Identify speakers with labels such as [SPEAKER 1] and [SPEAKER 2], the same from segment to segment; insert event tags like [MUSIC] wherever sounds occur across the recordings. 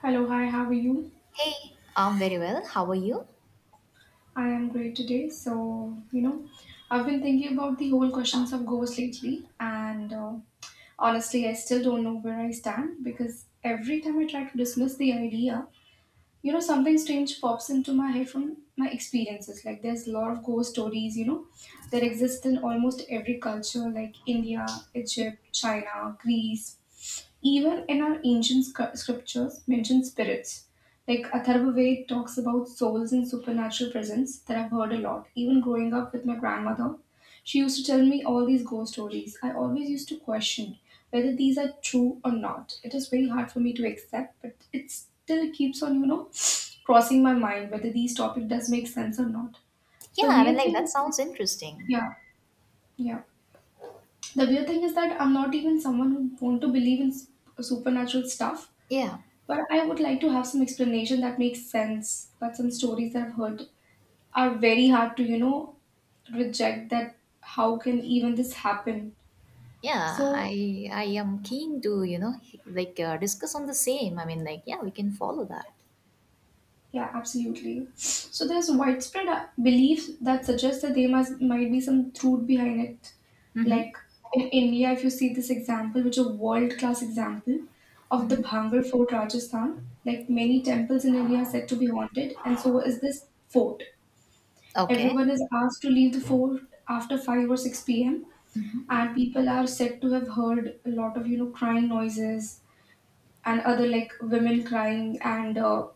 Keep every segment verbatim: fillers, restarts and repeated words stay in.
[SPEAKER 1] Hello, hi, how are you?
[SPEAKER 2] Hey, I'm very well. How are you?
[SPEAKER 1] I am great today. So, you know, I've been thinking about the whole questions of ghosts lately, and uh, honestly, I still don't know where I stand because every time I try to dismiss the idea, you know, something strange pops into my head from my experiences. Like, there's a lot of ghost stories, you know, that exist in almost every culture, like India, Egypt, China, Greece, even in our ancient sc- scriptures mention spirits. Like Atharvaved talks about souls and supernatural presence that I've heard a lot. Even growing up with my grandmother, she used to tell me all these ghost stories. I always used to question whether these are true or not. It is very hard for me to accept, but it still keeps on, you know, [SNIFFS] crossing my mind whether these topic does make sense or not.
[SPEAKER 2] Yeah,
[SPEAKER 1] The
[SPEAKER 2] I mean,
[SPEAKER 1] weird
[SPEAKER 2] like that
[SPEAKER 1] thing is,
[SPEAKER 2] sounds interesting.
[SPEAKER 1] yeah, yeah. The weird thing is that I'm not even someone who want to believe in s- supernatural stuff,
[SPEAKER 2] Yeah,
[SPEAKER 1] but I would like to have some explanation that makes sense. But some stories that I've heard are very hard to, you know, reject. That how can even this happen?
[SPEAKER 2] yeah.
[SPEAKER 1] So,
[SPEAKER 2] I I am keen to you know like uh, discuss on the same. I mean, like yeah, we can follow that.
[SPEAKER 1] yeah, absolutely. So there's widespread uh, belief that suggests that there must might be some truth behind it.
[SPEAKER 2] Mm-hmm.
[SPEAKER 1] Like in India, if you see this example, which is a world-class example of the Bhangar Fort, Rajasthan, like many temples in India are said to be haunted, and so is this fort.
[SPEAKER 2] Okay.
[SPEAKER 1] Everyone is asked to leave the fort after five or six p m, and people are said to have heard a lot of, you know, crying noises and other, like, women crying and uh,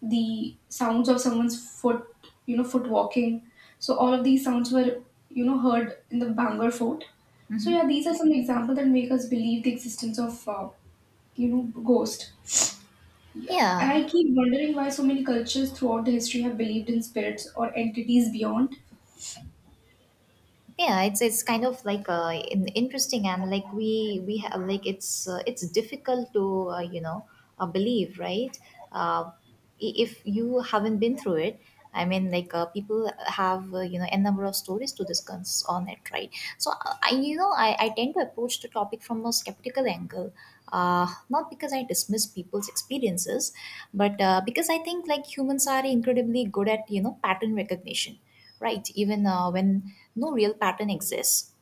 [SPEAKER 1] the sounds of someone's foot, you know, foot walking. So all of these sounds were, you know, heard in the Bangor fort. So yeah, these are some examples that make us believe the existence of uh, you know, ghost. Yeah. And
[SPEAKER 2] Yeah,
[SPEAKER 1] I keep wondering why so many cultures throughout the history have believed in spirits or entities beyond.
[SPEAKER 2] yeah, it's it's kind of like uh in, interesting, and like we we have, like it's uh, it's difficult to uh, you know uh, believe, right? uh, i- if you haven't been through it, I mean, like uh, people have uh, you know a number of stories to discuss on it, right? So uh, I you know I, I tend to approach the topic from a skeptical angle, uh, not because I dismiss people's experiences, but uh, because I think like humans are incredibly good at you know pattern recognition, right? Even uh, when no real pattern exists.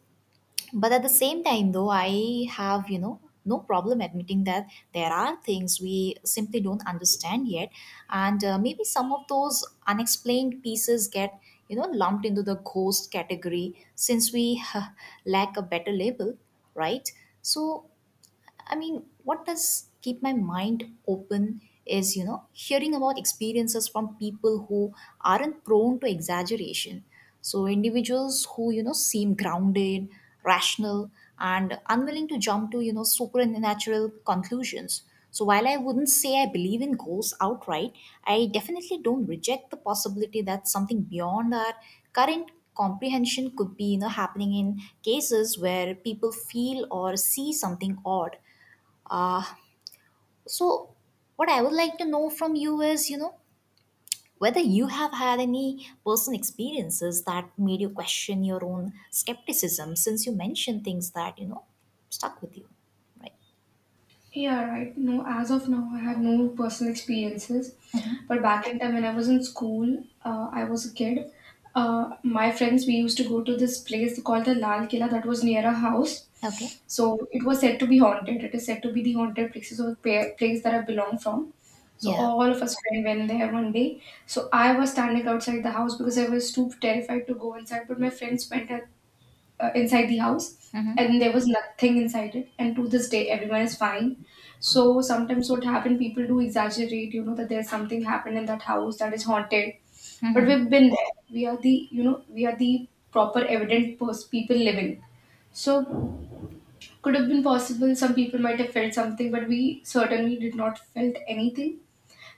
[SPEAKER 2] But at the same time, though, I have you know no problem admitting that there are things we simply don't understand yet, and uh, maybe some of those unexplained pieces get you know lumped into the ghost category since we [LAUGHS] lack a better label, right? So I mean, what does keep my mind open is, you know, hearing about experiences from people who aren't prone to exaggeration. So, individuals who, you know, seem grounded, rational, and unwilling to jump to, you know, supernatural conclusions. So, while I wouldn't say I believe in ghosts outright, I definitely don't reject the possibility that something beyond our current comprehension could be you know happening in cases where people feel or see something odd. Uh, so, what I would like to know from you is, you know, whether you have had any personal experiences that made you question your own skepticism, since you mentioned things that, you know, stuck with you, right?
[SPEAKER 1] Yeah, right. No, as of now, I have no personal experiences. But back in time, when I was in school, uh, I was a kid. Uh, my friends, we used to go to this place called the Lal Killa that was near a house.
[SPEAKER 2] Okay.
[SPEAKER 1] So it was said to be haunted. It is said to be the haunted places or pa- place that I belong from. So
[SPEAKER 2] Yeah.
[SPEAKER 1] all of us friends went there one day. So I was standing outside the house because I was too terrified to go inside. But my friends went uh, inside the house,
[SPEAKER 2] Mm-hmm.
[SPEAKER 1] and there was nothing inside it, and to this day everyone is fine. So sometimes what happened, people do exaggerate, you know, that there's something happened in that house that is haunted, but
[SPEAKER 2] Mm-hmm.
[SPEAKER 1] we've been there. We are the, you know, we are the proper evident pers- people living. So could have been possible some people might have felt something, but we certainly did not felt anything.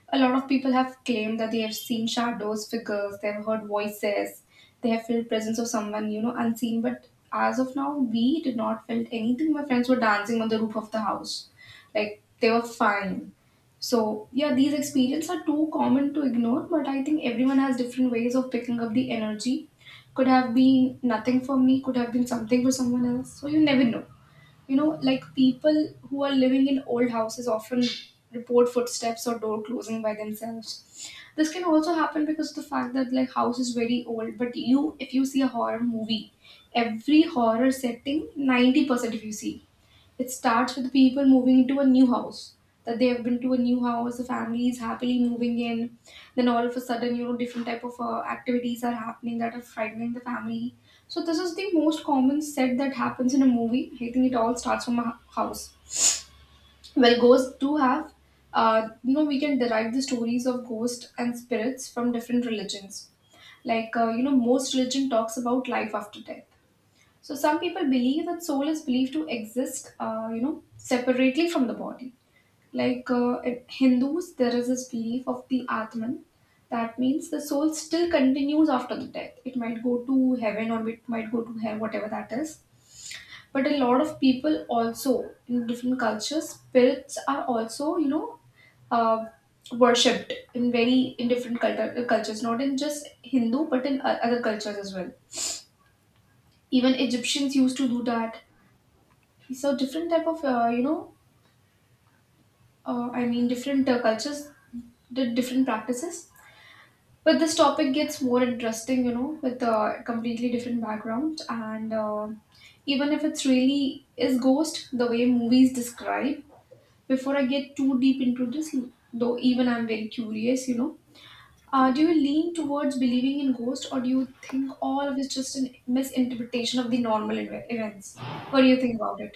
[SPEAKER 1] A lot of people have claimed that they have seen shadows, figures, they've heard voices, they have felt presence of someone, you know, unseen. But as of now, we did not felt anything. My friends were dancing on the roof of the house. Like, they were fine. So yeah, these experiences are too common to ignore, but I think everyone has different ways of picking up the energy. Could have been nothing for me, could have been something for someone else. So you never know, you know, like people who are living in old houses often report footsteps or door closing by themselves. This can also happen because of the fact that, like, house is very old. But you, if you see a horror movie, every horror setting ninety percent, if you see, it starts with people moving into a new house. That they have been to a new house, the family is happily moving in. Then all of a sudden, you know, different type of uh, activities are happening that are frightening the family. So this is the most common set that happens in a movie. I think it all starts from a hou- house. Well, ghosts do have, uh, you know, we can derive the stories of ghosts and spirits from different religions. Like, uh, you know, most religion talks about life after death, so some people believe that soul is believed to exist, uh, you know, separately from the body. Like uh, in Hindus, there is this belief of the Atman. That means the soul still continues after the death. It might go to heaven or it might go to hell, whatever that is. But a lot of people also in different cultures, spirits are also, you know, uh, worshipped in very in different culture, cultures, not in just Hindu, but in o- other cultures as well. Even Egyptians used to do that. So different type of uh, you know, uh, I mean different uh, cultures did different practices. But this topic gets more interesting, you know, with a completely different background. And uh, even if it's really is ghost, the way movies describe, before I get too deep into this, though even I'm very curious, you know, uh, do you lean towards believing in ghost, or do you think all of it's just a misinterpretation of the normal ev- events? What do you think about it?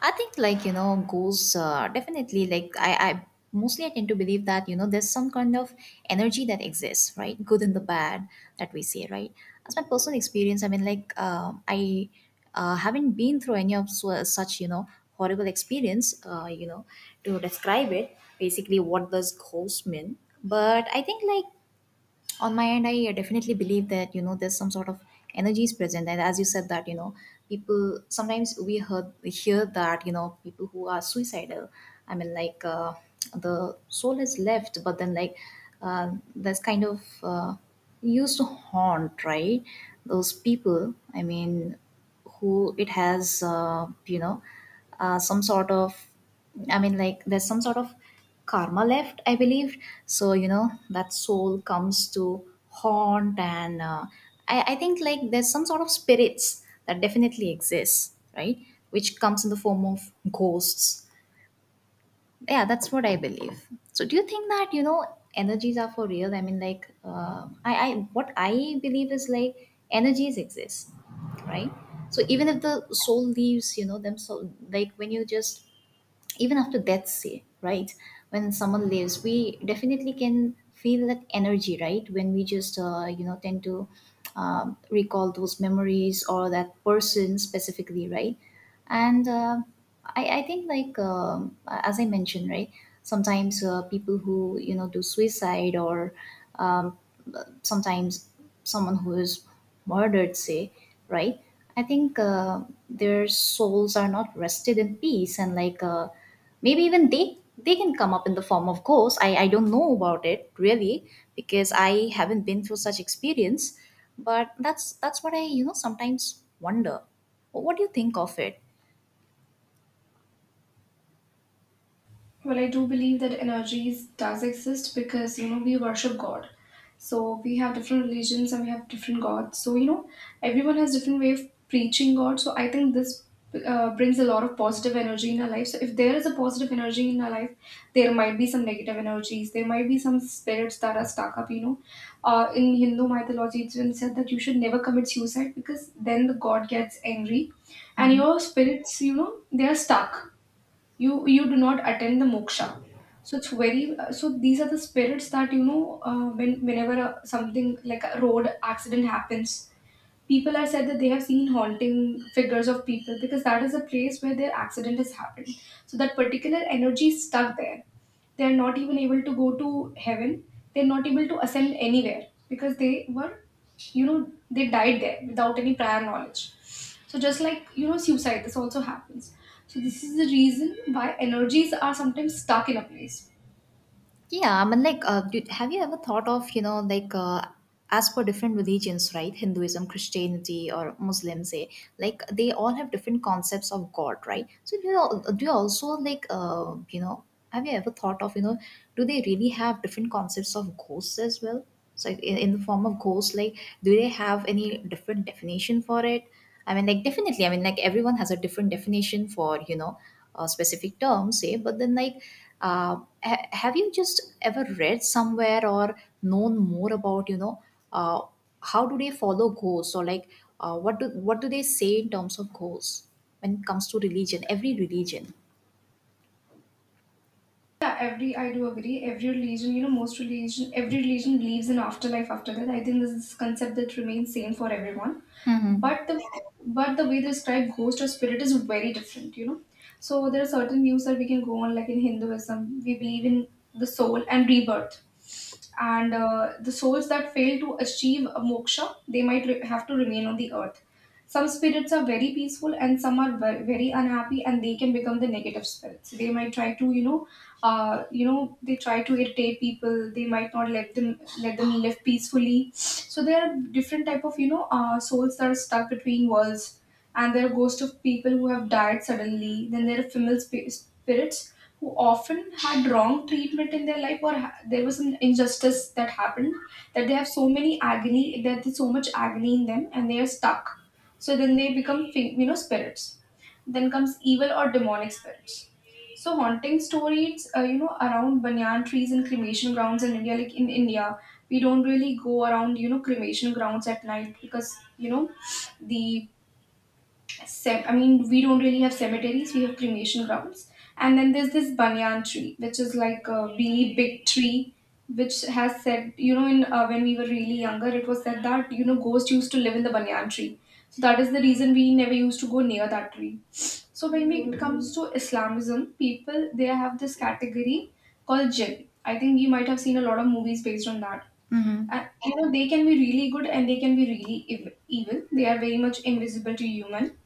[SPEAKER 2] I think like you know goals, uh, definitely, like I, I mostly I tend to believe that you know there's some kind of energy that exists, right? Good and the bad that we see, right? As my personal experience, I mean, like um I uh, haven't been through any of su- such you know horrible experience, uh, you know to describe it, basically, what does goals mean. But I think like on my end, I definitely believe that you know there's some sort of energy is present. And as you said that you know people sometimes, we heard we hear that you know people who are suicidal, I mean, like uh, the soul is left, but then, like, uh, that's kind of uh, used to haunt, right, those people, I mean, who it has uh, you know uh, some sort of, I mean, like, there's some sort of karma left, I believe. So, you know, that soul comes to haunt, and uh, I, I think, like, there's some sort of spirits that definitely exists, right? Which comes in the form of ghosts. Yeah, that's what I believe. So, do you think that, you know, energies are for real? I mean, like, uh, I, I, what I believe is, like, energies exist, right? So even if the soul leaves you know them, so like when you just, even after death, say, right, when someone lives, we definitely can feel that energy, right, when we just uh, you know tend to um, recall those memories, or that person specifically, right? And uh, I, I think like um, as I mentioned, right, sometimes uh, people who you know do suicide, or um, sometimes someone who is murdered, say, right, I think uh, their souls are not rested in peace, and, like, uh, maybe even they they can come up in the form of ghosts. I i don't know about it really, because I haven't been through such experience, but that's that's what I you know sometimes wonder. What do you think of it?
[SPEAKER 1] Well, I do believe that energies does exist because, you know, we worship God. So we have different religions and we have different gods. So, you know, everyone has different way of preaching God. So I think this uh, brings a lot of positive energy in our life. So if there is a positive energy in our life, there might be some negative energies. There might be some spirits that are stuck up. You know, uh, in Hindu mythology, it's been said that you should never commit suicide because then the God gets angry, and
[SPEAKER 2] Mhm.
[SPEAKER 1] your spirits, you know, they are stuck. you you do not attend the moksha. So it's very uh, so these are the spirits that, you know, uh, when whenever uh, something like a road accident happens, people have said that they have seen haunting figures of people because that is a place where their accident has happened. So that particular energy is stuck there. They are not even able to go to heaven. They're not able to ascend anywhere because they were, you know, they died there without any prior knowledge. So just like, you know, suicide, this also happens. So this is the reason why energies are sometimes stuck in a place.
[SPEAKER 2] Yeah, I mean, like, uh, did, have you ever thought of, you know, like, uh, as for different religions, right? Hinduism, Christianity, or Muslim, say, like, they all have different concepts of God, right? So, do you, al- do you also, like, uh, you know, have you ever thought of, you know, do they really have different concepts of ghosts as well? So in, in the form of ghosts, like, do they have any different definition for it? I mean, like, definitely. I mean, like everyone has a different definition for you know a specific term, say. But then, like, uh, ha- have you just ever read somewhere, or known more about you know uh, how do they follow ghosts? Or like, uh, what do what do they say in terms of ghosts when it comes to religion? Every religion.
[SPEAKER 1] Yeah, every I do agree. Every religion, you know, most religion, every religion believes in afterlife after that. I think this is a concept that remains same for everyone.
[SPEAKER 2] Mm-hmm.
[SPEAKER 1] But the, but the way they describe ghost or spirit is very different, you know. So there are certain views that we can go on, like in Hinduism, we believe in the soul and rebirth. And uh, the souls that fail to achieve a moksha, they might re- have to remain on the earth. Some spirits are very peaceful and some are very, very unhappy, and they can become the negative spirits. They might try to, you know, uh, you know, they try to irritate people. They might not let them let them live peacefully. So there are different type of, you know, uh, souls that are stuck between worlds, and there are ghosts of people who have died suddenly. Then there are female sp- spirits who often had wrong treatment in their life, or ha- there was an injustice that happened, that they have so many agony that there's so much agony in them, and they are stuck. So then they become fi- you know, spirits. Then comes evil or demonic spirits. So haunting stories, uh, you know, around banyan trees and cremation grounds in India. Like in India, we don't really go around, you know, cremation grounds at night because, you know, the ce- I mean, we don't really have cemeteries. We have cremation grounds, and then there's this banyan tree, which is like a really big tree, which has said, you know, in uh, when we were really younger, it was said that, you know, ghosts used to live in the banyan tree. So that is the reason we never used to go near that tree. So when we, it comes to Islamism, people they have this category called jinn. I think you might have seen a lot of movies based on that.
[SPEAKER 2] Mm-hmm.
[SPEAKER 1] And you know they can be really good and they can be really ev- evil. They are very much invisible to human,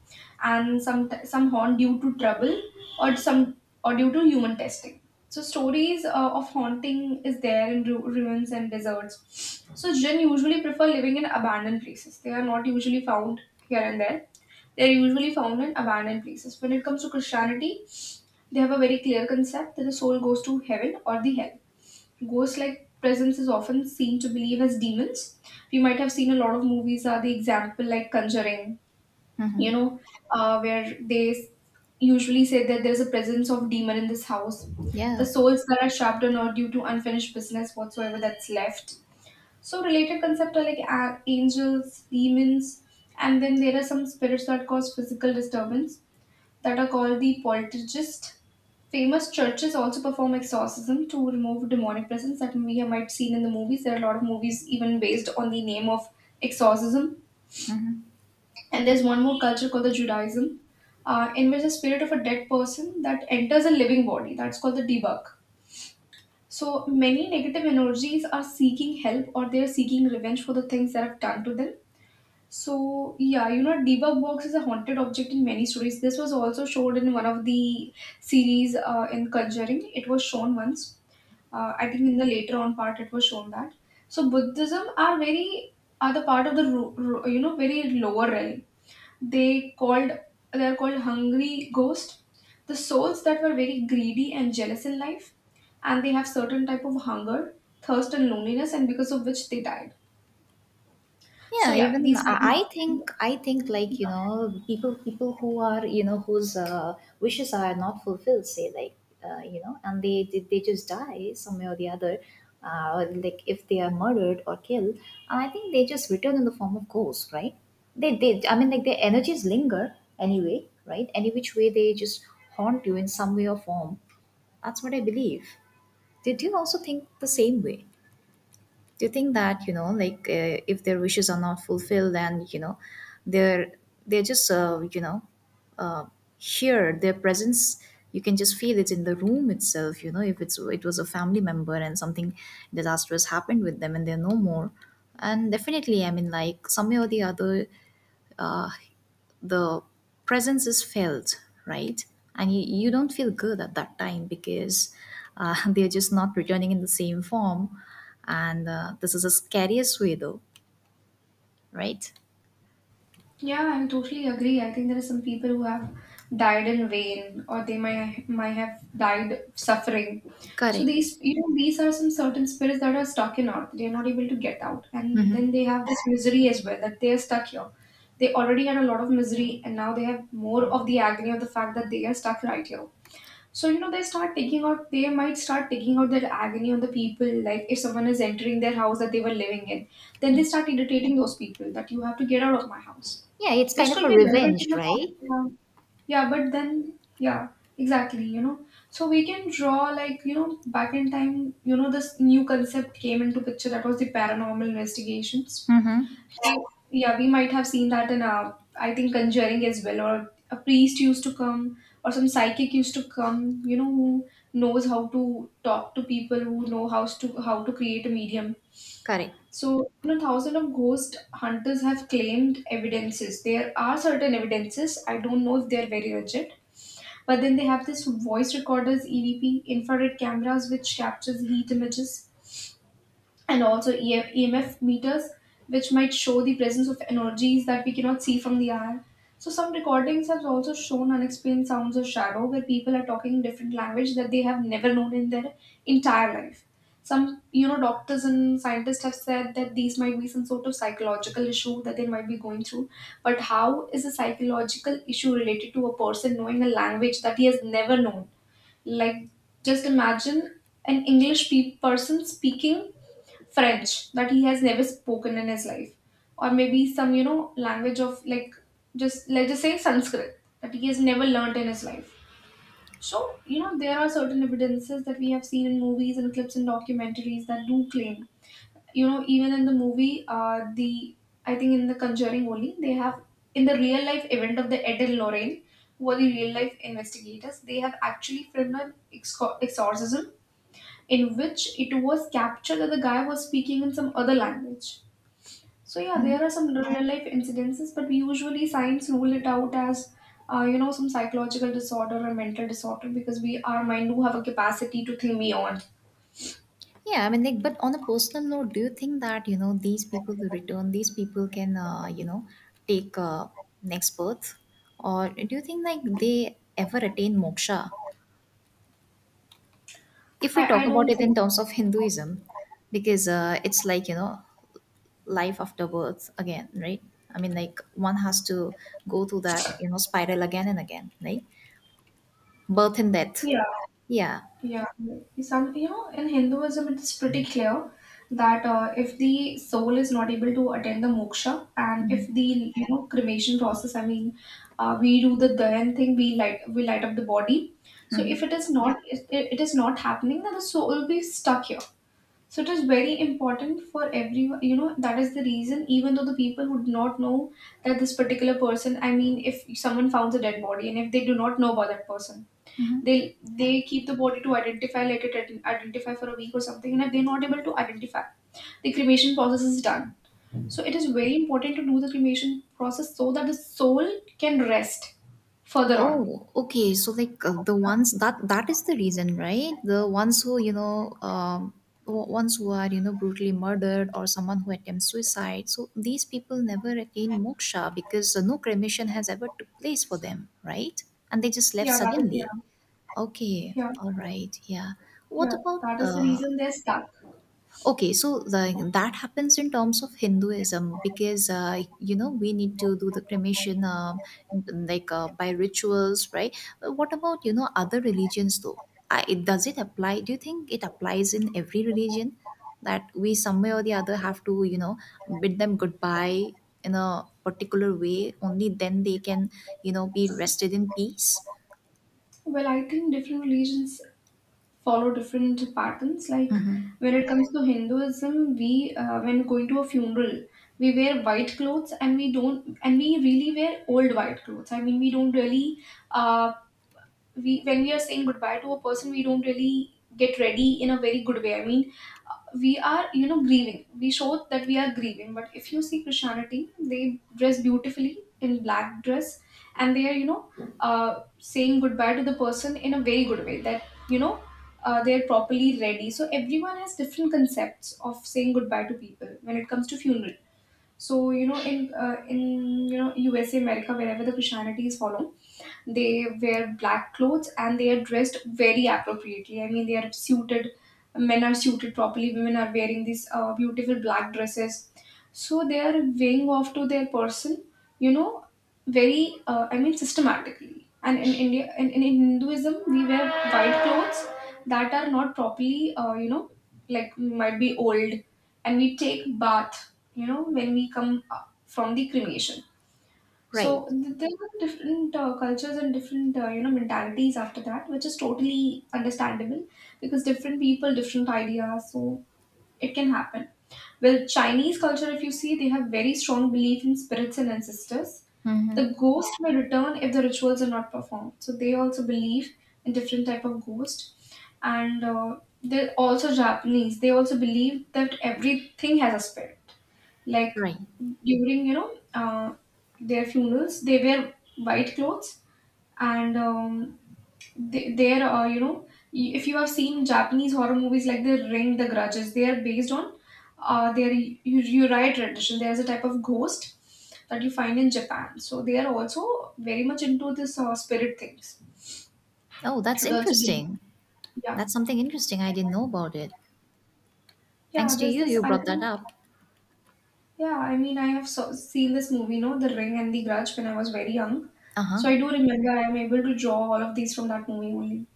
[SPEAKER 1] and some some haunt due to trouble or some or due to human testing. So stories uh, of haunting is there in ru- ruins and deserts. So jinn usually prefer living in abandoned places. They are not usually found here and there. They are usually found in abandoned places. When it comes to Christianity, they have a very clear concept that the soul goes to heaven or the hell. Ghost like presence is often seen to believe as demons. We might have seen a lot of movies are the example like Conjuring you
[SPEAKER 2] Mm-hmm.
[SPEAKER 1] know, uh, where they s- usually say that there's a presence of demon in this house.
[SPEAKER 2] Yeah.
[SPEAKER 1] The souls that are trapped or not due to unfinished business whatsoever that's left. So related concepts are like a- angels, demons, and then there are some spirits that cause physical disturbance that are called the poltergeist. Famous churches also perform exorcism to remove demonic presence that we have might seen in the movies. There are a lot of movies even based on the name of exorcism. And there's one more culture called the Judaism, uh, in which the spirit of a dead person that enters a living body. That's called the debug. So many negative energies are seeking help or they are seeking revenge for the things that have done to them. So yeah, you know, debug box is a haunted object in many stories. This was also shown in one of the series uh, in Conjuring. It was shown once uh, I think in the later on part it was shown that. So Buddhism are very are the part of the ru- ru- you know very lower realm. They called they are called hungry ghost, the souls that were very greedy and jealous in life, and they have certain type of hunger, thirst, and loneliness, and because of which they died. So
[SPEAKER 2] Yeah,
[SPEAKER 1] yeah,
[SPEAKER 2] even
[SPEAKER 1] these
[SPEAKER 2] I
[SPEAKER 1] kind
[SPEAKER 2] I
[SPEAKER 1] of
[SPEAKER 2] think I think like you know people people who are, you know whose uh, wishes are not fulfilled, say, like, uh, you know and they, they they just die some way or the other, uh, like, if they are murdered or killed. And I think they just return in the form of ghosts, right? they they I mean, like, their energies linger anyway, right, any which way they just haunt you in some way or form. That's what I believe. Did you also think the same way? Do you think that, you know, like, uh, if their wishes are not fulfilled, then, you know, they're they're just uh, you know, uh, here, their presence, you can just feel it in the room itself. You know, if it's it was a family member and something disastrous happened with them and they're no more, and definitely, I mean, like, some way or the other, uh, the presence is felt, right? And you, you don't feel good at that time because uh, [LAUGHS] they're just not returning in the same form. And uh, this is the scariest way, though, right?
[SPEAKER 1] Yeah, I'm totally agree. I think there are some people who have died in vain, or they might might have died suffering. So
[SPEAKER 2] Correct.
[SPEAKER 1] these, you know, these are some certain spirits that are stuck in earth. They are not able to get out, and then they have this misery as well that they are stuck here. They already had a lot of misery, and now they have more of the agony of the fact that they are stuck right here. So, you know, they start taking out, they might start taking out their agony on the people. Like, if someone is entering their house that they were living in, then they start irritating those people that you have to get out of my house,
[SPEAKER 2] Yeah, it's kind
[SPEAKER 1] which
[SPEAKER 2] of
[SPEAKER 1] could
[SPEAKER 2] a
[SPEAKER 1] be relevant in
[SPEAKER 2] revenge,
[SPEAKER 1] the fact.
[SPEAKER 2] right?
[SPEAKER 1] Yeah, yeah but then, yeah, exactly, you know. So, we can draw, like, you know, back in time, you know, this new concept came into picture that was the paranormal investigations we- yeah, we might have seen that in uh, I think Conjuring as well, or a priest used to come, or some psychic used to come. You know who knows how to talk to people, who know how to how to create a medium.
[SPEAKER 2] Correct.
[SPEAKER 1] So, you know, thousands of ghost hunters have claimed evidences. There are certain evidences. I don't know if they are very legit, but then they have this voice recorders, E V P, infrared cameras, which captures heat images and also E F, E M F meters, which might show the presence of energies that we cannot see from the air. So, some recordings have also shown unexplained sounds of shadow where people are talking different language that they have never known in their entire life. Some, you know, doctors and scientists have said that these might be some sort of psychological issue that they might be going through. But how is a psychological issue related to a person knowing a language that he has never known? Like, just imagine an English pe- person speaking French that he has never spoken in his life, or maybe some you know language of like just let's just say Sanskrit that he has never learnt in his life. So you know there are certain evidences that we have seen in movies and clips and documentaries that do claim you know even in the movie uh, the I think in the Conjuring only they have in the real life event of the Ed and Lorraine who are the real life investigators they have actually filmed an exco- exorcism in which it was captured that the guy was speaking in some other language. So yeah,
[SPEAKER 2] Mhm.
[SPEAKER 1] there are some real life incidences, but we usually science rule it out as uh, you know some psychological disorder or mental disorder because we our mind do have a capacity to think beyond.
[SPEAKER 2] Yeah, I mean, like, but on a personal note, do you think that you know these people who return, these people can uh, you know take uh, next birth? Or do you think like they ever attain moksha, if we
[SPEAKER 1] I
[SPEAKER 2] talk
[SPEAKER 1] I
[SPEAKER 2] about
[SPEAKER 1] don't
[SPEAKER 2] it in
[SPEAKER 1] think
[SPEAKER 2] terms of Hinduism? Because uh, it's like, you know, life after birth again, right? I mean, like, one has to go through that, you know, spiral again and again, right? Birth and death.
[SPEAKER 1] yeah.
[SPEAKER 2] Yeah.
[SPEAKER 1] Yeah, some you know in Hinduism it is pretty clear that uh, if the soul is not able to attend the moksha and if the you know cremation process, I mean, uh, we do the dahan thing, we light we light up the body. So if it is not it, it is not happening, then the soul will be stuck here. So it is very important for everyone. You know that is the reason. Even though the people would not know that this particular person, I mean, if someone founds a dead body and if they do not know about that person
[SPEAKER 2] Mhm.
[SPEAKER 1] they they keep the body to identify let it ident- identify for a week or something and if they're not able to identify the cremation process is done so it is very important to do the cremation process so that the soul can rest further on
[SPEAKER 2] Oh, okay. So like uh, the ones that, that is the reason, right? The ones who, you know, um, o- ones who are, you know, brutally murdered, or someone who attempts suicide. So these people never attain moksha because uh, no cremation has ever took place for them, right? And they just left
[SPEAKER 1] yeah that is
[SPEAKER 2] suddenly.
[SPEAKER 1] yeah
[SPEAKER 2] Okay,
[SPEAKER 1] yeah
[SPEAKER 2] all right, yeah. What
[SPEAKER 1] yeah
[SPEAKER 2] about
[SPEAKER 1] that is the
[SPEAKER 2] uh,
[SPEAKER 1] reason they're stuck.
[SPEAKER 2] okay, so the, that happens in terms of Hinduism because uh, you know we need to do the cremation, um, like, uh, by rituals, right? But what about you know other religions, though? I, it, does it apply? Do you think it applies in every religion that we some way or the other have to you know bid them goodbye in a particular way? Only then they can you know be rested in peace.
[SPEAKER 1] Well, I think different religions follow different patterns. Like
[SPEAKER 2] Mm-hmm.
[SPEAKER 1] when it comes to Hinduism, we uh, when going to a funeral, we wear white clothes and we don't and we really wear old white clothes. I mean, we don't really uh, we when we are saying goodbye to a person, we don't really get ready in a very good way. I mean we are you know grieving we show that we are grieving but if you see Christianity they dress beautifully in black dress and they are you know uh, saying goodbye to the person in a very good way that you know uh, they're properly ready so everyone has different concepts of saying goodbye to people when it comes to funeral so you know in uh, in you know USA America wherever the Christianity is followed they wear black clothes and they are dressed very appropriately. I mean, they are suited. Men are suited properly. Women are wearing these uh, beautiful black dresses. So they are weighing off to their person. You know, very. Uh, I mean, systematically. And in India, in, in Hinduism, we wear white clothes that are not properly. Uh, you know, like might be old, and we take bath. You know, when we come uh, from the cremation
[SPEAKER 2] Right.
[SPEAKER 1] so th- there are different uh, cultures and different uh, you know mentalities after that, which is totally understandable because different people, different ideas. So it can happen. Well, Chinese culture, if you see, they have very strong belief in spirits and ancestors.
[SPEAKER 2] Mm-hmm.
[SPEAKER 1] The ghost may return if the rituals are not performed. So they also believe in different type of ghost, and uh, they're also Japanese. They also believe that everything has a spirit like
[SPEAKER 2] Right.
[SPEAKER 1] during you know uh, their funerals. They wear white clothes and um, they, are uh, you know y- if you have seen Japanese horror movies like The Ring, The Grudges, they are based on uh, their y- Uriah tradition. There is a type of ghost that you find in Japan. So they are also very much into this uh, spirit things.
[SPEAKER 2] Oh, that's
[SPEAKER 1] They also believe,
[SPEAKER 2] interesting.
[SPEAKER 1] yeah,
[SPEAKER 2] That's something interesting. I didn't know about it. Thanks
[SPEAKER 1] yeah.
[SPEAKER 2] to
[SPEAKER 1] There's
[SPEAKER 2] you,
[SPEAKER 1] this
[SPEAKER 2] you
[SPEAKER 1] I
[SPEAKER 2] brought that
[SPEAKER 1] think
[SPEAKER 2] up.
[SPEAKER 1] yeah. I mean I have so, seen this movie, no, The Ring and The Grudge when I was very young.
[SPEAKER 2] Uh huh.
[SPEAKER 1] So I do remember I am able to draw all of these from that movie only.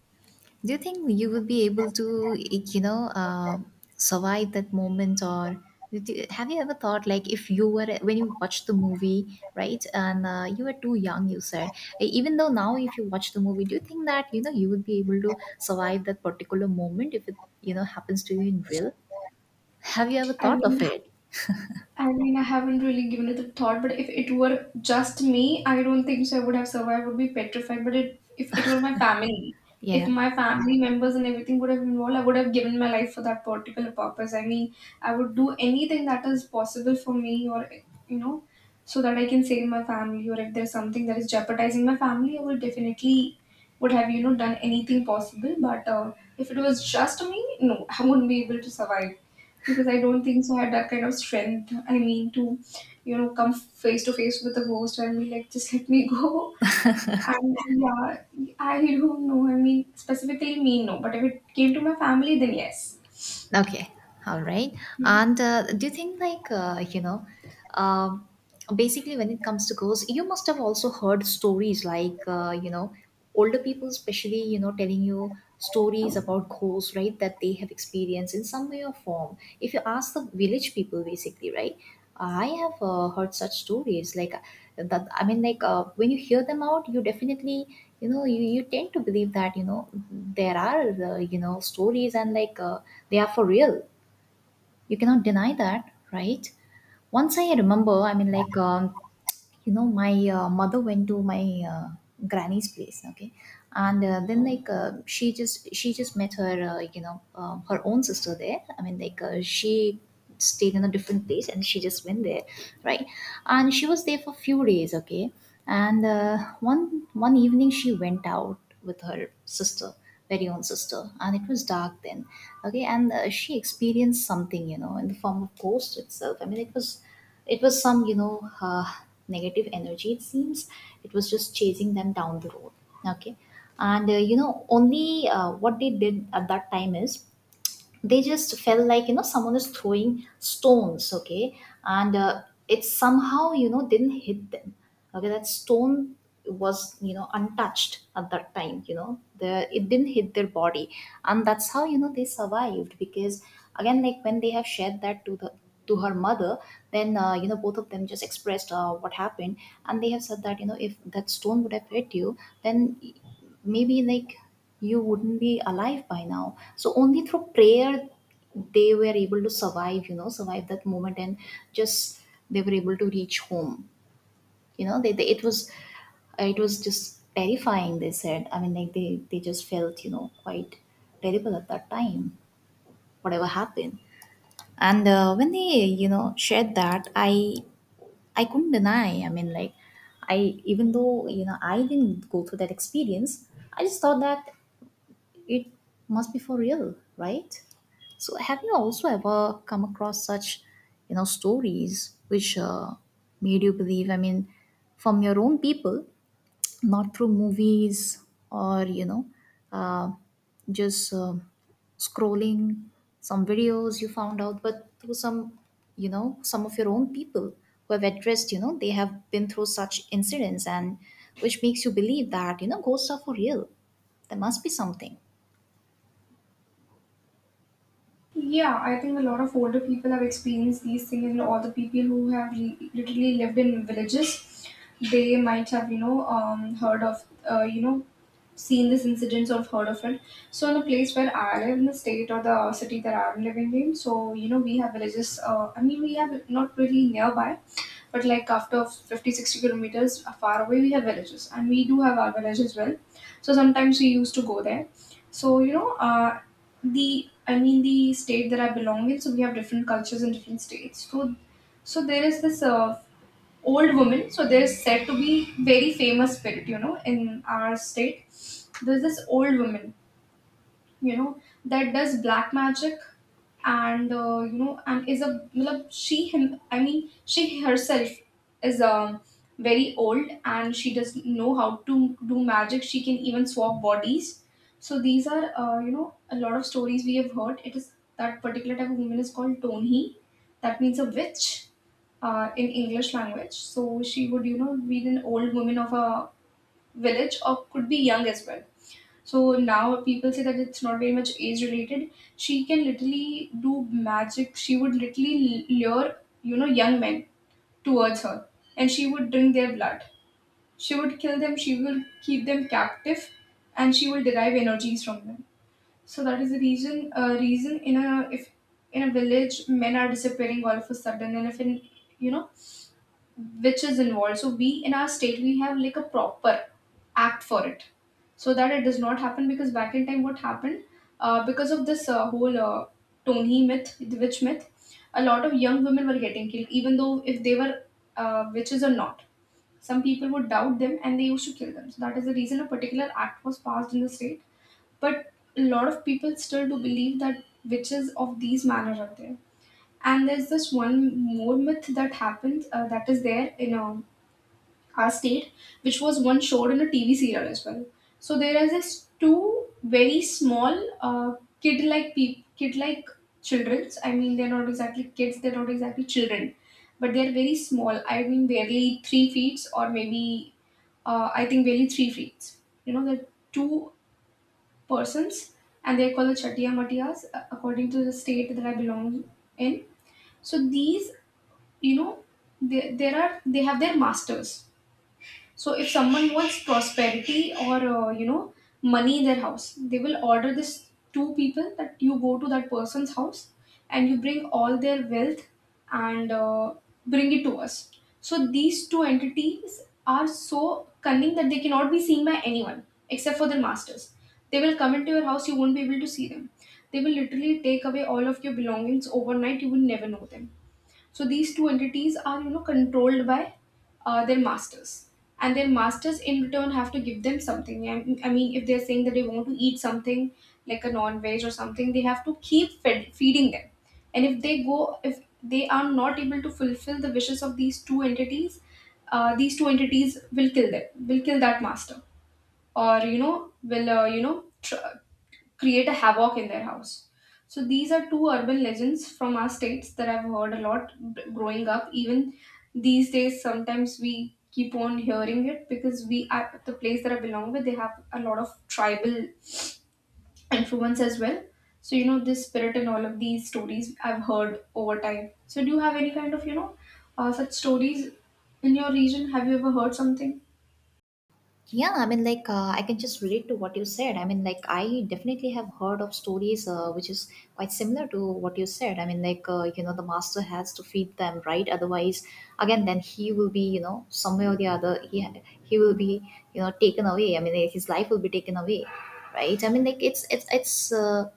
[SPEAKER 2] Do you think you will be able to, like, you know, uh, survive that moment? Or did you- have you ever thought, like, if you were, when you watched the movie, right, and uh, you were too young, you said, e- even though now, if you watch the movie, do you think that you know you would be able to survive that particular moment, if it you know happens to you in real? Have you ever
[SPEAKER 1] I
[SPEAKER 2] thought of
[SPEAKER 1] mean,
[SPEAKER 2] it?
[SPEAKER 1] I mean, I haven't really given it a thought, but if it were just me, I don't think so I would have survived. I would be petrified. But it, if it were my family, if
[SPEAKER 2] Yeah.
[SPEAKER 1] my family members and everything would have involved, I would have given my life for that particular purpose. I mean, I would do anything that is possible for me, or you know, so that I can save my family. Or if there's something that is jeopardizing my family, I would definitely would have you know done anything possible. But uh, if it was just me, no, I wouldn't be able to survive because I don't think so I had that kind of strength. I mean, to you know, come face to face with the ghost and be like, just let me [LAUGHS] go. And yeah, I don't know. I mean, specifically me, no. But if it came to my family, then yes.
[SPEAKER 2] Okay, all right. And uh, do you think, like, uh, you know, um, basically, when it comes to ghosts, you must have also heard stories, like, uh, you know, older people, especially, you know, telling you stories about ghosts, right, that they have experienced in some way or form. If you ask the village people, basically, right, I have uh, heard such stories. Like, uh, that, I mean, like, uh, when you hear them out, you definitely, you know, you, you tend to believe that, you know, there are, uh, you know, stories, and like, uh, they are for real. You cannot deny that, right? Once I remember, I mean, like, um, you know my uh, mother went to my uh, granny's place. Okay. And uh, then like uh, she just she just met her uh, you know um her own sister there. i mean like uh, she stayed in a different place and she just went there, right? And she was there for a few days. Okay. And uh, one one evening she went out with her sister, very own sister, and it was dark then. Okay. And uh, she experienced something, you know, in the form of ghost itself. I mean, it was it was some, you know uh, negative energy, it seems. It was just chasing them down the road. Okay. And uh, you know, only uh, what they did at that time is they just felt like, you know, someone is throwing stones. Okay. And uh, it somehow, you know, didn't hit them. Okay, that stone was, you know, untouched at that time. You know, the it didn't hit their body. And that's how, you know, they survived. Because again, like, when they have shared that to the, to her mother, then uh, you know, both of them just expressed uh, what happened. And they have said that, you know, if that stone would have hit you, then maybe like, you wouldn't be alive by now. So only through prayer they were able to survive, you know, survive that moment, and just they were able to reach home. You know, they, they it was, it was just terrifying, they said. I mean like they, they just felt, you know, quite terrible at that time, whatever happened. And uh, when they, you know, shared that, I I couldn't deny. I mean like I, even though, you know, I didn't go through that experience, I just thought that it must be for real, right? So, have you also ever come across such, you know, stories which uh, made you believe? I mean, from your own people, not through movies or you know, uh, just um scrolling some videos you found out, but through some, you know, some of your own people who have addressed, you know, they have been through such incidents, and which makes you believe that you know ghosts are for real. There must be something.
[SPEAKER 1] Yeah, I think a lot of older people have experienced these things, and all the people who have li- literally lived in villages, they might have, you know, um, heard of, uh, you know, seen this incidents or heard of it. So, in the place where I live, in the state or the city that I'm living in, so, you know, we have villages, uh, I mean, we have not really nearby, but like after fifty, sixty kilometers far away, we have villages, and we do have our village as well. So, sometimes we used to go there. So, you know, uh, the I mean the state that I belong in, so we have different cultures in different states. So, so there is this uh, old woman. So there is said to be very famous spirit, you know, in our state. There's this old woman, you know, that does black magic, and uh, you know, and is a matlab, she him I mean she herself is um very old, and she does know how to do magic. She can even swap bodies. So these are, uh, you know, a lot of stories we have heard. It is that particular type of woman is called tonhi. That means a witch, uh, in English language. So she would, you know, be an old woman of a village or could be young as well. So now people say that it's not very much age related. She can literally do magic. She would literally lure, you know, young men towards her, and she would drink their blood. She would kill them, she will keep them captive, and she will derive energies from them. So that is the reason. Uh, reason in a, if in a village men are disappearing all of a sudden, and if in, you know, which is involved. So we in our state we have like a proper act for it, so that it does not happen. Because back in time, what happened, uh, because of this uh, whole uh, Tony myth, the witch myth, a lot of young women were getting killed, even though if they were uh, witches or not. Some people would doubt them and they used to kill them. So that is the reason a particular act was passed in the state. But a lot of people still do believe that witches of these manners are there. And there's this one more myth that happens, uh, that is there in a our state, which was once showed in a T V serial as well. So there is this two very small uh, kid-like peop kid-like childrens. I mean, they're not exactly kids; they're not exactly children, but they're very small. I mean, barely three feet, or maybe uh, I think barely three feet. You know, they're two persons, and they're called the Chatiya Matiyas, uh, according to the state that I belong in. So these, you know, they, there are they have their masters. So if someone wants prosperity or, uh, you know, money in their house, they will order this two people that you go to that person's house and you bring all their wealth, and uh, bring it to us. So these two entities are so cunning that they cannot be seen by anyone except for their masters. They will come into your house, you won't be able to see them. They will literally take away all of your belongings overnight, you will never know them. So these two entities are, you know, controlled by uh, their masters, and their masters in return have to give them something. I I mean, if they're saying that they want to eat something like a non-veg or something, they have to keep fed, feeding them. And if they go, if they are not able to fulfill the wishes of these two entities, uh, these two entities will kill them, will kill that master, or, you know, will uh, you know tr- create a havoc in their house. So these are two urban legends from our states that I've heard a lot b- growing up. Even these days sometimes we keep on hearing it, because we are the place that I belong with, they have a lot of tribal influence as well. So, you know, this spirit and all of these stories I've heard over time. So do you have any kind of, you know, uh, such stories in your region? Have you ever heard something?
[SPEAKER 2] Yeah, I mean, like, uh, I can just relate to what you said. I mean, like, I definitely have heard of stories uh, which is quite similar to what you said. I mean, like, uh, you know, the master has to feed them, right? Otherwise, again, then he will be, you know, somewhere or the other, he, he will be, you know, taken away. I mean, his life will be taken away, right? I mean, like, it's, it's, it's, uh,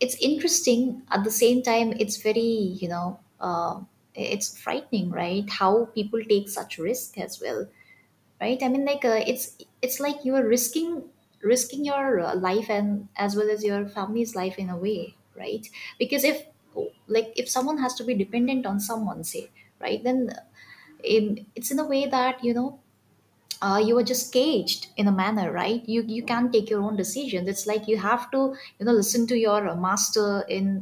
[SPEAKER 2] it's interesting. At the same time, it's very, you know, uh, it's frightening, right? How people take such risk as well, right? I mean like uh, it's it's like you are risking risking your uh, life and as well as your family's life in a way, right? Because if, like, if someone has to be dependent on someone, say, right, then uh, in it's in a way that, you know, uh, you are just caged in a manner, right? you you can't take your own decisions. It's like you have to, you know, listen to your uh, master in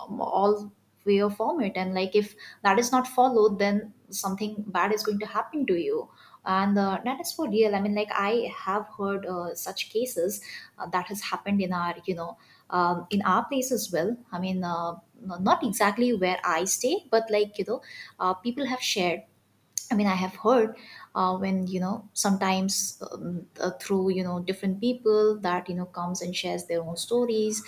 [SPEAKER 2] um, all way or format. And like if that is not followed, then something bad is going to happen to you. And uh, that is for real. I mean like I have heard uh, such cases uh, that has happened in our, you know, um, in our place as well. I mean uh, n- not exactly where I stay, but like, you know, uh, people have shared. I mean, I have heard uh, when you know sometimes um, uh, through, you know, different people that, you know, comes and shares their own stories,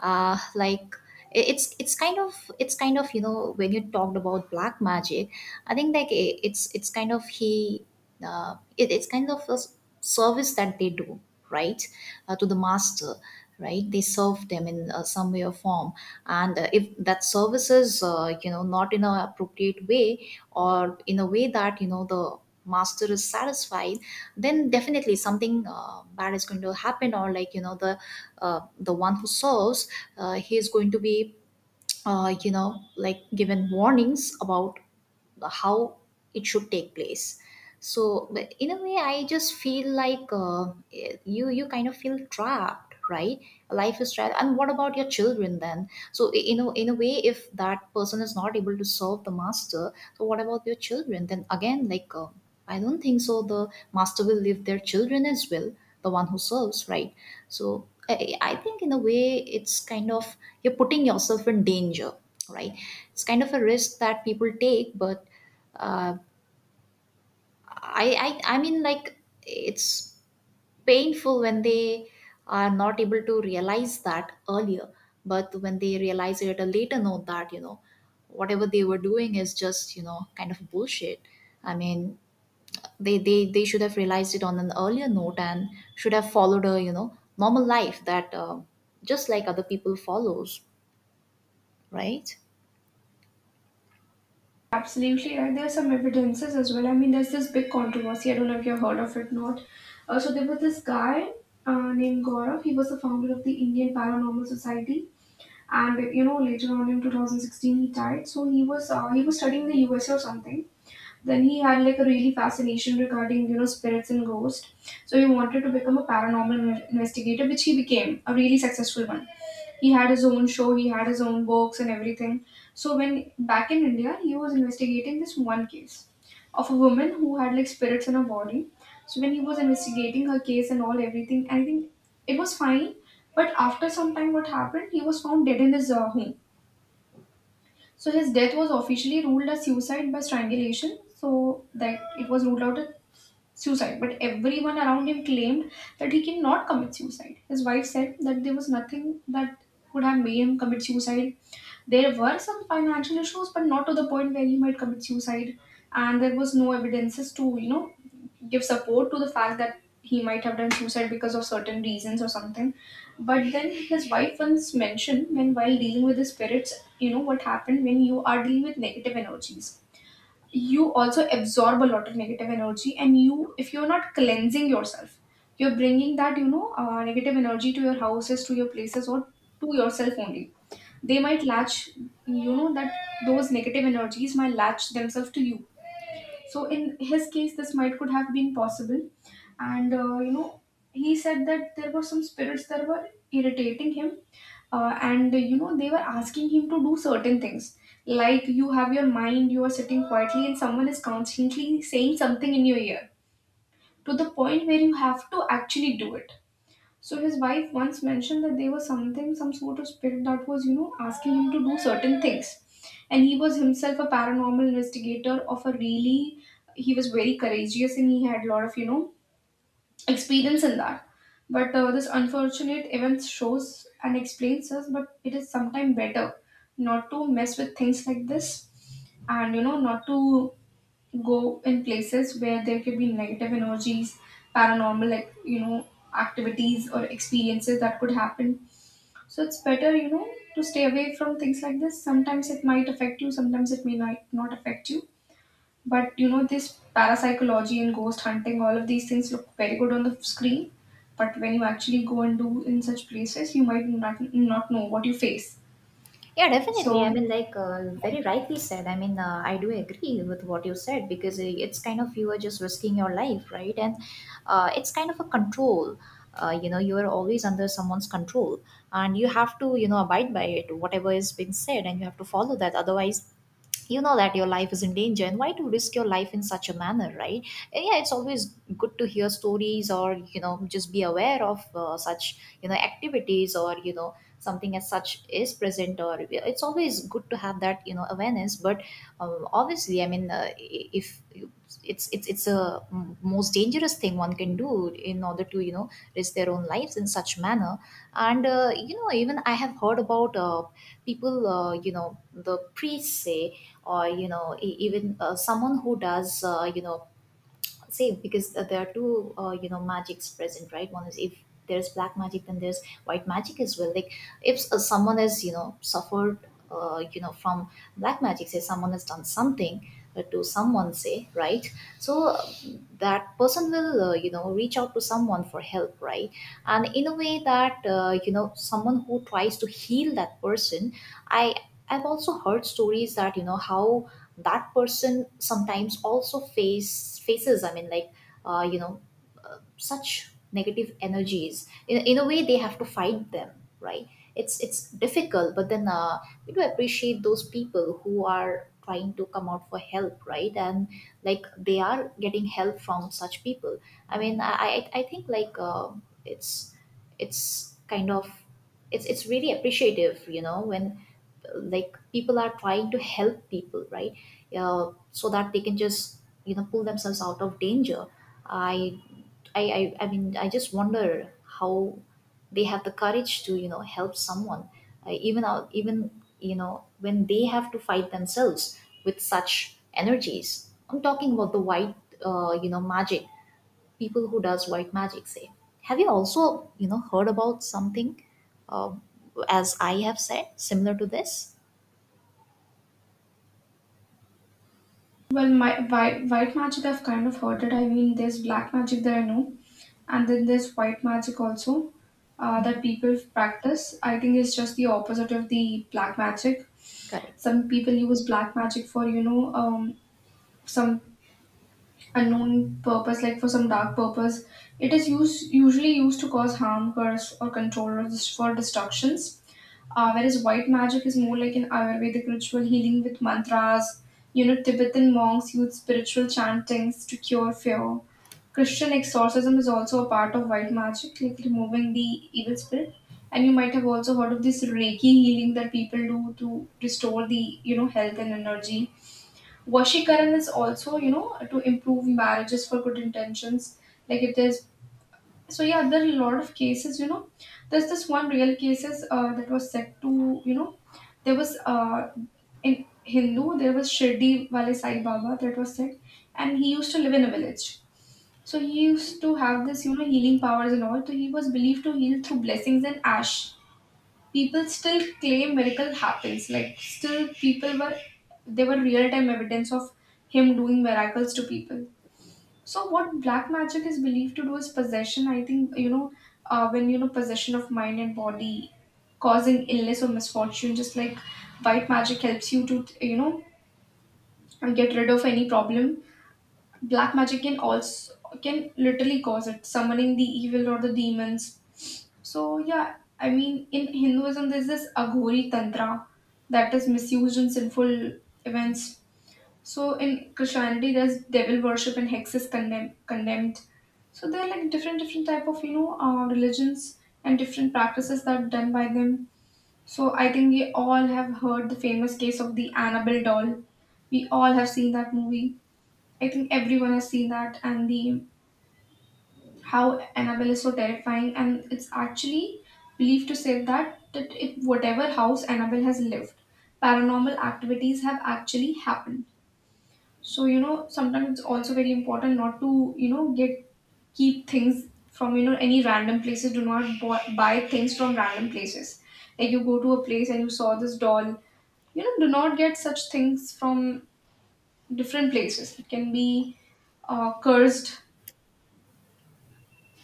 [SPEAKER 2] uh, like, i- it's, it's kind of it's kind of you know, when you talked about black magic, I think like, i- it's, it's kind of he uh, it, it's kind of a s- service that they do, right? Uh, to the master, right? They serve them in uh, some way or form. And uh, if that service is uh, you know, not in a appropriate way, or in a way that, you know, the master is satisfied, then definitely something uh, bad is going to happen. Or like, you know, the uh, the one who serves, uh, he is going to be uh, you know, like, given warnings about how it should take place. So but in a way I just feel like, uh, you, you kind of feel trapped, right? Life is trapped. And what about your children then? So, i- in a, in a way, if that person is not able to serve the master, so what about your children then? Again like, uh, I don't think so the master will leave their children as well, the one who serves, right? So I, I think in a way it's kind of you're putting yourself in danger, right? It's kind of a risk that people take. But uh, I, I I mean like it's painful when they are not able to realize that earlier, but when they realize it at a later note that, you know, whatever they were doing is just, you know, kind of bullshit. I mean they they they should have realized it on an earlier note, and should have followed a, you know, normal life that, uh, just like other people follows, right?
[SPEAKER 1] Absolutely right. There are some evidences as well. I mean, there's this big controversy. I don't know if you've heard of it or not. Uh, so there was this guy uh, named Gaurav. He was the founder of the Indian Paranormal Society, and you know later on in two thousand sixteen he died. So he was, uh, he was studying the U S A or something. Then he had like a really fascination regarding, you know, spirits and ghosts. So he wanted to become a paranormal investigator, which he became a really successful one. He had his own show, he had his own books and everything. So when back in India, he was investigating this one case of a woman who had like spirits in her body. So when he was investigating her case and all everything, I think it was fine. But after some time, what happened? He was found dead in his uh, home. So his death was officially ruled as suicide by strangulation. So that it was ruled out as suicide. But everyone around him claimed that he cannot commit suicide. His wife said that there was nothing that would have made him commit suicide. There were some financial issues, but not to the point where he might commit suicide. And there was no evidences to, you know, give support to the fact that he might have done suicide because of certain reasons or something. But then his wife once mentioned when while dealing with the spirits, you know, what happened when you are dealing with negative energies. You also absorb a lot of negative energy, and you, if you're not cleansing yourself, you're bringing that, you know, uh, negative energy to your houses, to your places, or to yourself only. They might latch, you know, that those negative energies might latch themselves to you. So in his case this might could have been possible. And uh, you know, he said that there were some spirits that were irritating him, uh, and you know they were asking him to do certain things. Like you have your mind, you are sitting quietly and someone is constantly saying something in your ear, to the point where you have to actually do it. So his wife once mentioned that there was something, some sort of spirit that was, you know, asking him to do certain things. And he was himself a paranormal investigator of a really, he was very courageous and he had a lot of, you know, experience in that. But uh, this unfortunate event shows and explains us, but it is sometimes better not to mess with things like this, and you know, not to go in places where there could be negative energies, paranormal, like you know, activities or experiences that could happen. So it's better, you know, to stay away from things like this. Sometimes it might affect you, sometimes it may not, not affect you. But you know, this parapsychology and ghost hunting, all of these things look very good on the screen. But when you actually go and do in such places, you might not not know what you face.
[SPEAKER 2] Yeah, definitely. I
[SPEAKER 1] So,
[SPEAKER 2] mean, like uh, very rightly said. I mean, uh, I do agree with what you said, because uh, it's kind of you are just risking your life, right? And uh, it's kind of a control. Uh, you know, you are always under someone's control, and you have to, you know, abide by it, whatever is being said, and you have to follow that. Otherwise, you know that your life is in danger. And why to risk your life in such a manner, right? And yeah, it's always good to hear stories, or, you know, just be aware of uh, such, you know, activities, or, you know, something as such is present. Or yeah, it's always good to have that, you know, awareness. But um, obviously, I mean, uh, i- if you, it's, it's it's a m- most dangerous thing one can do in order to, you know, risk their own lives in such manner. And uh, you know, even I have heard about uh, people, uh, you know, the priests say, or, you know, e- even uh, someone who does, uh, you know, say. Because th- there are two, uh, you know, magics present, right? One is, if there's black magic, then there's white magic as well. Like, if uh, someone has, you know, suffered, uh, you know, from black magic, say, someone has done something uh, to someone, say, right? So uh, that person will uh, you know, reach out to someone for help, right? And in a way that, uh, you know, someone who tries to heal that person, I, I've also heard stories that, you know, how that person sometimes also face faces I mean like, uh, you know uh, such negative energies, in, in a way they have to fight them, right? it's it's difficult. But then uh, we do appreciate those people who are trying to come out for help, right? And like they are getting help from such people. I mean i i, I think like, uh, it's it's kind of, it's it's really appreciative, you know, when like people are trying to help people, right? Uh, so that they can just, you know, pull themselves out of danger. I, I i i mean I just wonder how they have the courage to, you know, help someone, uh, even out even, you know, when they have to fight themselves with such energies. I'm talking about the white, uh, you know, magic, people who does white magic, say. Have you also, you know, heard about something, um as I have said, similar to this?
[SPEAKER 1] well, my white, white magic, I've kind of heard it. I mean, there's black magic that I know, and then there's white magic also uh,
[SPEAKER 2] Mm-hmm.
[SPEAKER 1] that people practice. I think it's just the opposite of the black magic.
[SPEAKER 2] Correct.
[SPEAKER 1] Some people use black magic for, you know, um, some unknown purpose, like for some dark purpose. It is used usually used to cause harm, curse, or control, or just for destructions. Uh, whereas white magic is more like an Ayurvedic ritual healing with mantras. You know, Tibetan monks use spiritual chantings to cure fear. Christian exorcism is also a part of white magic, like removing the evil spirit. And you might have also heard of this Reiki healing that people do to restore the, you know, health and energy. Vashikaran is also, you know, to improve marriages for good intentions. Like it is. So yeah, there are a lot of cases. You know, there's this one real cases uh, that was said to, you know, there was uh, in Hindu there was Shirdi Wale Sai Baba that was said, and he used to live in a village. So he used to have this, you know, healing powers and all. So he was believed to heal through blessings and ash. People still claim miracle happens. Like still people were, they were real time evidence of him doing miracles to people. So what black magic is believed to do is possession, I think, you know, uh, when, you know, possession of mind and body, causing illness or misfortune. Just like white magic helps you to, you know, get rid of any problem, black magic can also can literally cause it, summoning the evil or the demons. So yeah, I mean in Hinduism there's this Aghori Tantra that is misused in sinful events. So in Christianity there's devil worship and hexes condemn- condemned. So there are like different different type of, you know, uh, religions and different practices that are done by them. So I think we all have heard the famous case of the Annabelle doll. We all have seen that movie. I think everyone has seen that, and the how Annabelle is so terrifying, and it's actually believed to say that that in whatever house Annabelle has lived, paranormal activities have actually happened. So you know, sometimes it's also very important not to, you know, get keep things from, you know, any random places. Do not buy, buy things from random places. Like you go to a place and you saw this doll, you know, do not get such things from different places. It can be uh, cursed.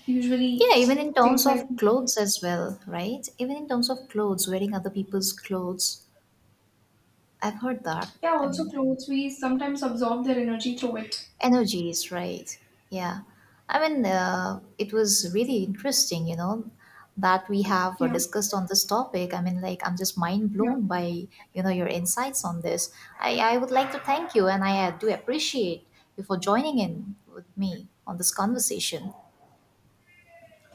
[SPEAKER 1] Usually,
[SPEAKER 2] Yeah, even
[SPEAKER 1] s-
[SPEAKER 2] in terms
[SPEAKER 1] things like,
[SPEAKER 2] of clothes as well, right? Even in terms of clothes, wearing other people's clothes, I've heard that.
[SPEAKER 1] yeah,
[SPEAKER 2] I
[SPEAKER 1] also
[SPEAKER 2] mean,
[SPEAKER 1] clothes, we sometimes absorb their energy through it.
[SPEAKER 2] energies, right. Yeah. I mean, uh, it was really interesting, you know, that we have uh,
[SPEAKER 1] Yeah,
[SPEAKER 2] discussed on this topic. I mean, like, I'm just mind
[SPEAKER 1] yeah.
[SPEAKER 2] blown by, you know, your insights on this. I, I would like to thank you, and I uh, do appreciate you for joining in with me on this conversation.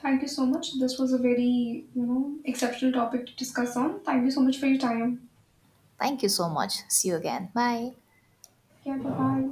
[SPEAKER 1] Thank you so much. This was a very, you know, exceptional topic to discuss on. Thank you so much for your time.
[SPEAKER 2] Thank you so much. See you again. Bye.
[SPEAKER 1] Yeah, bye bye.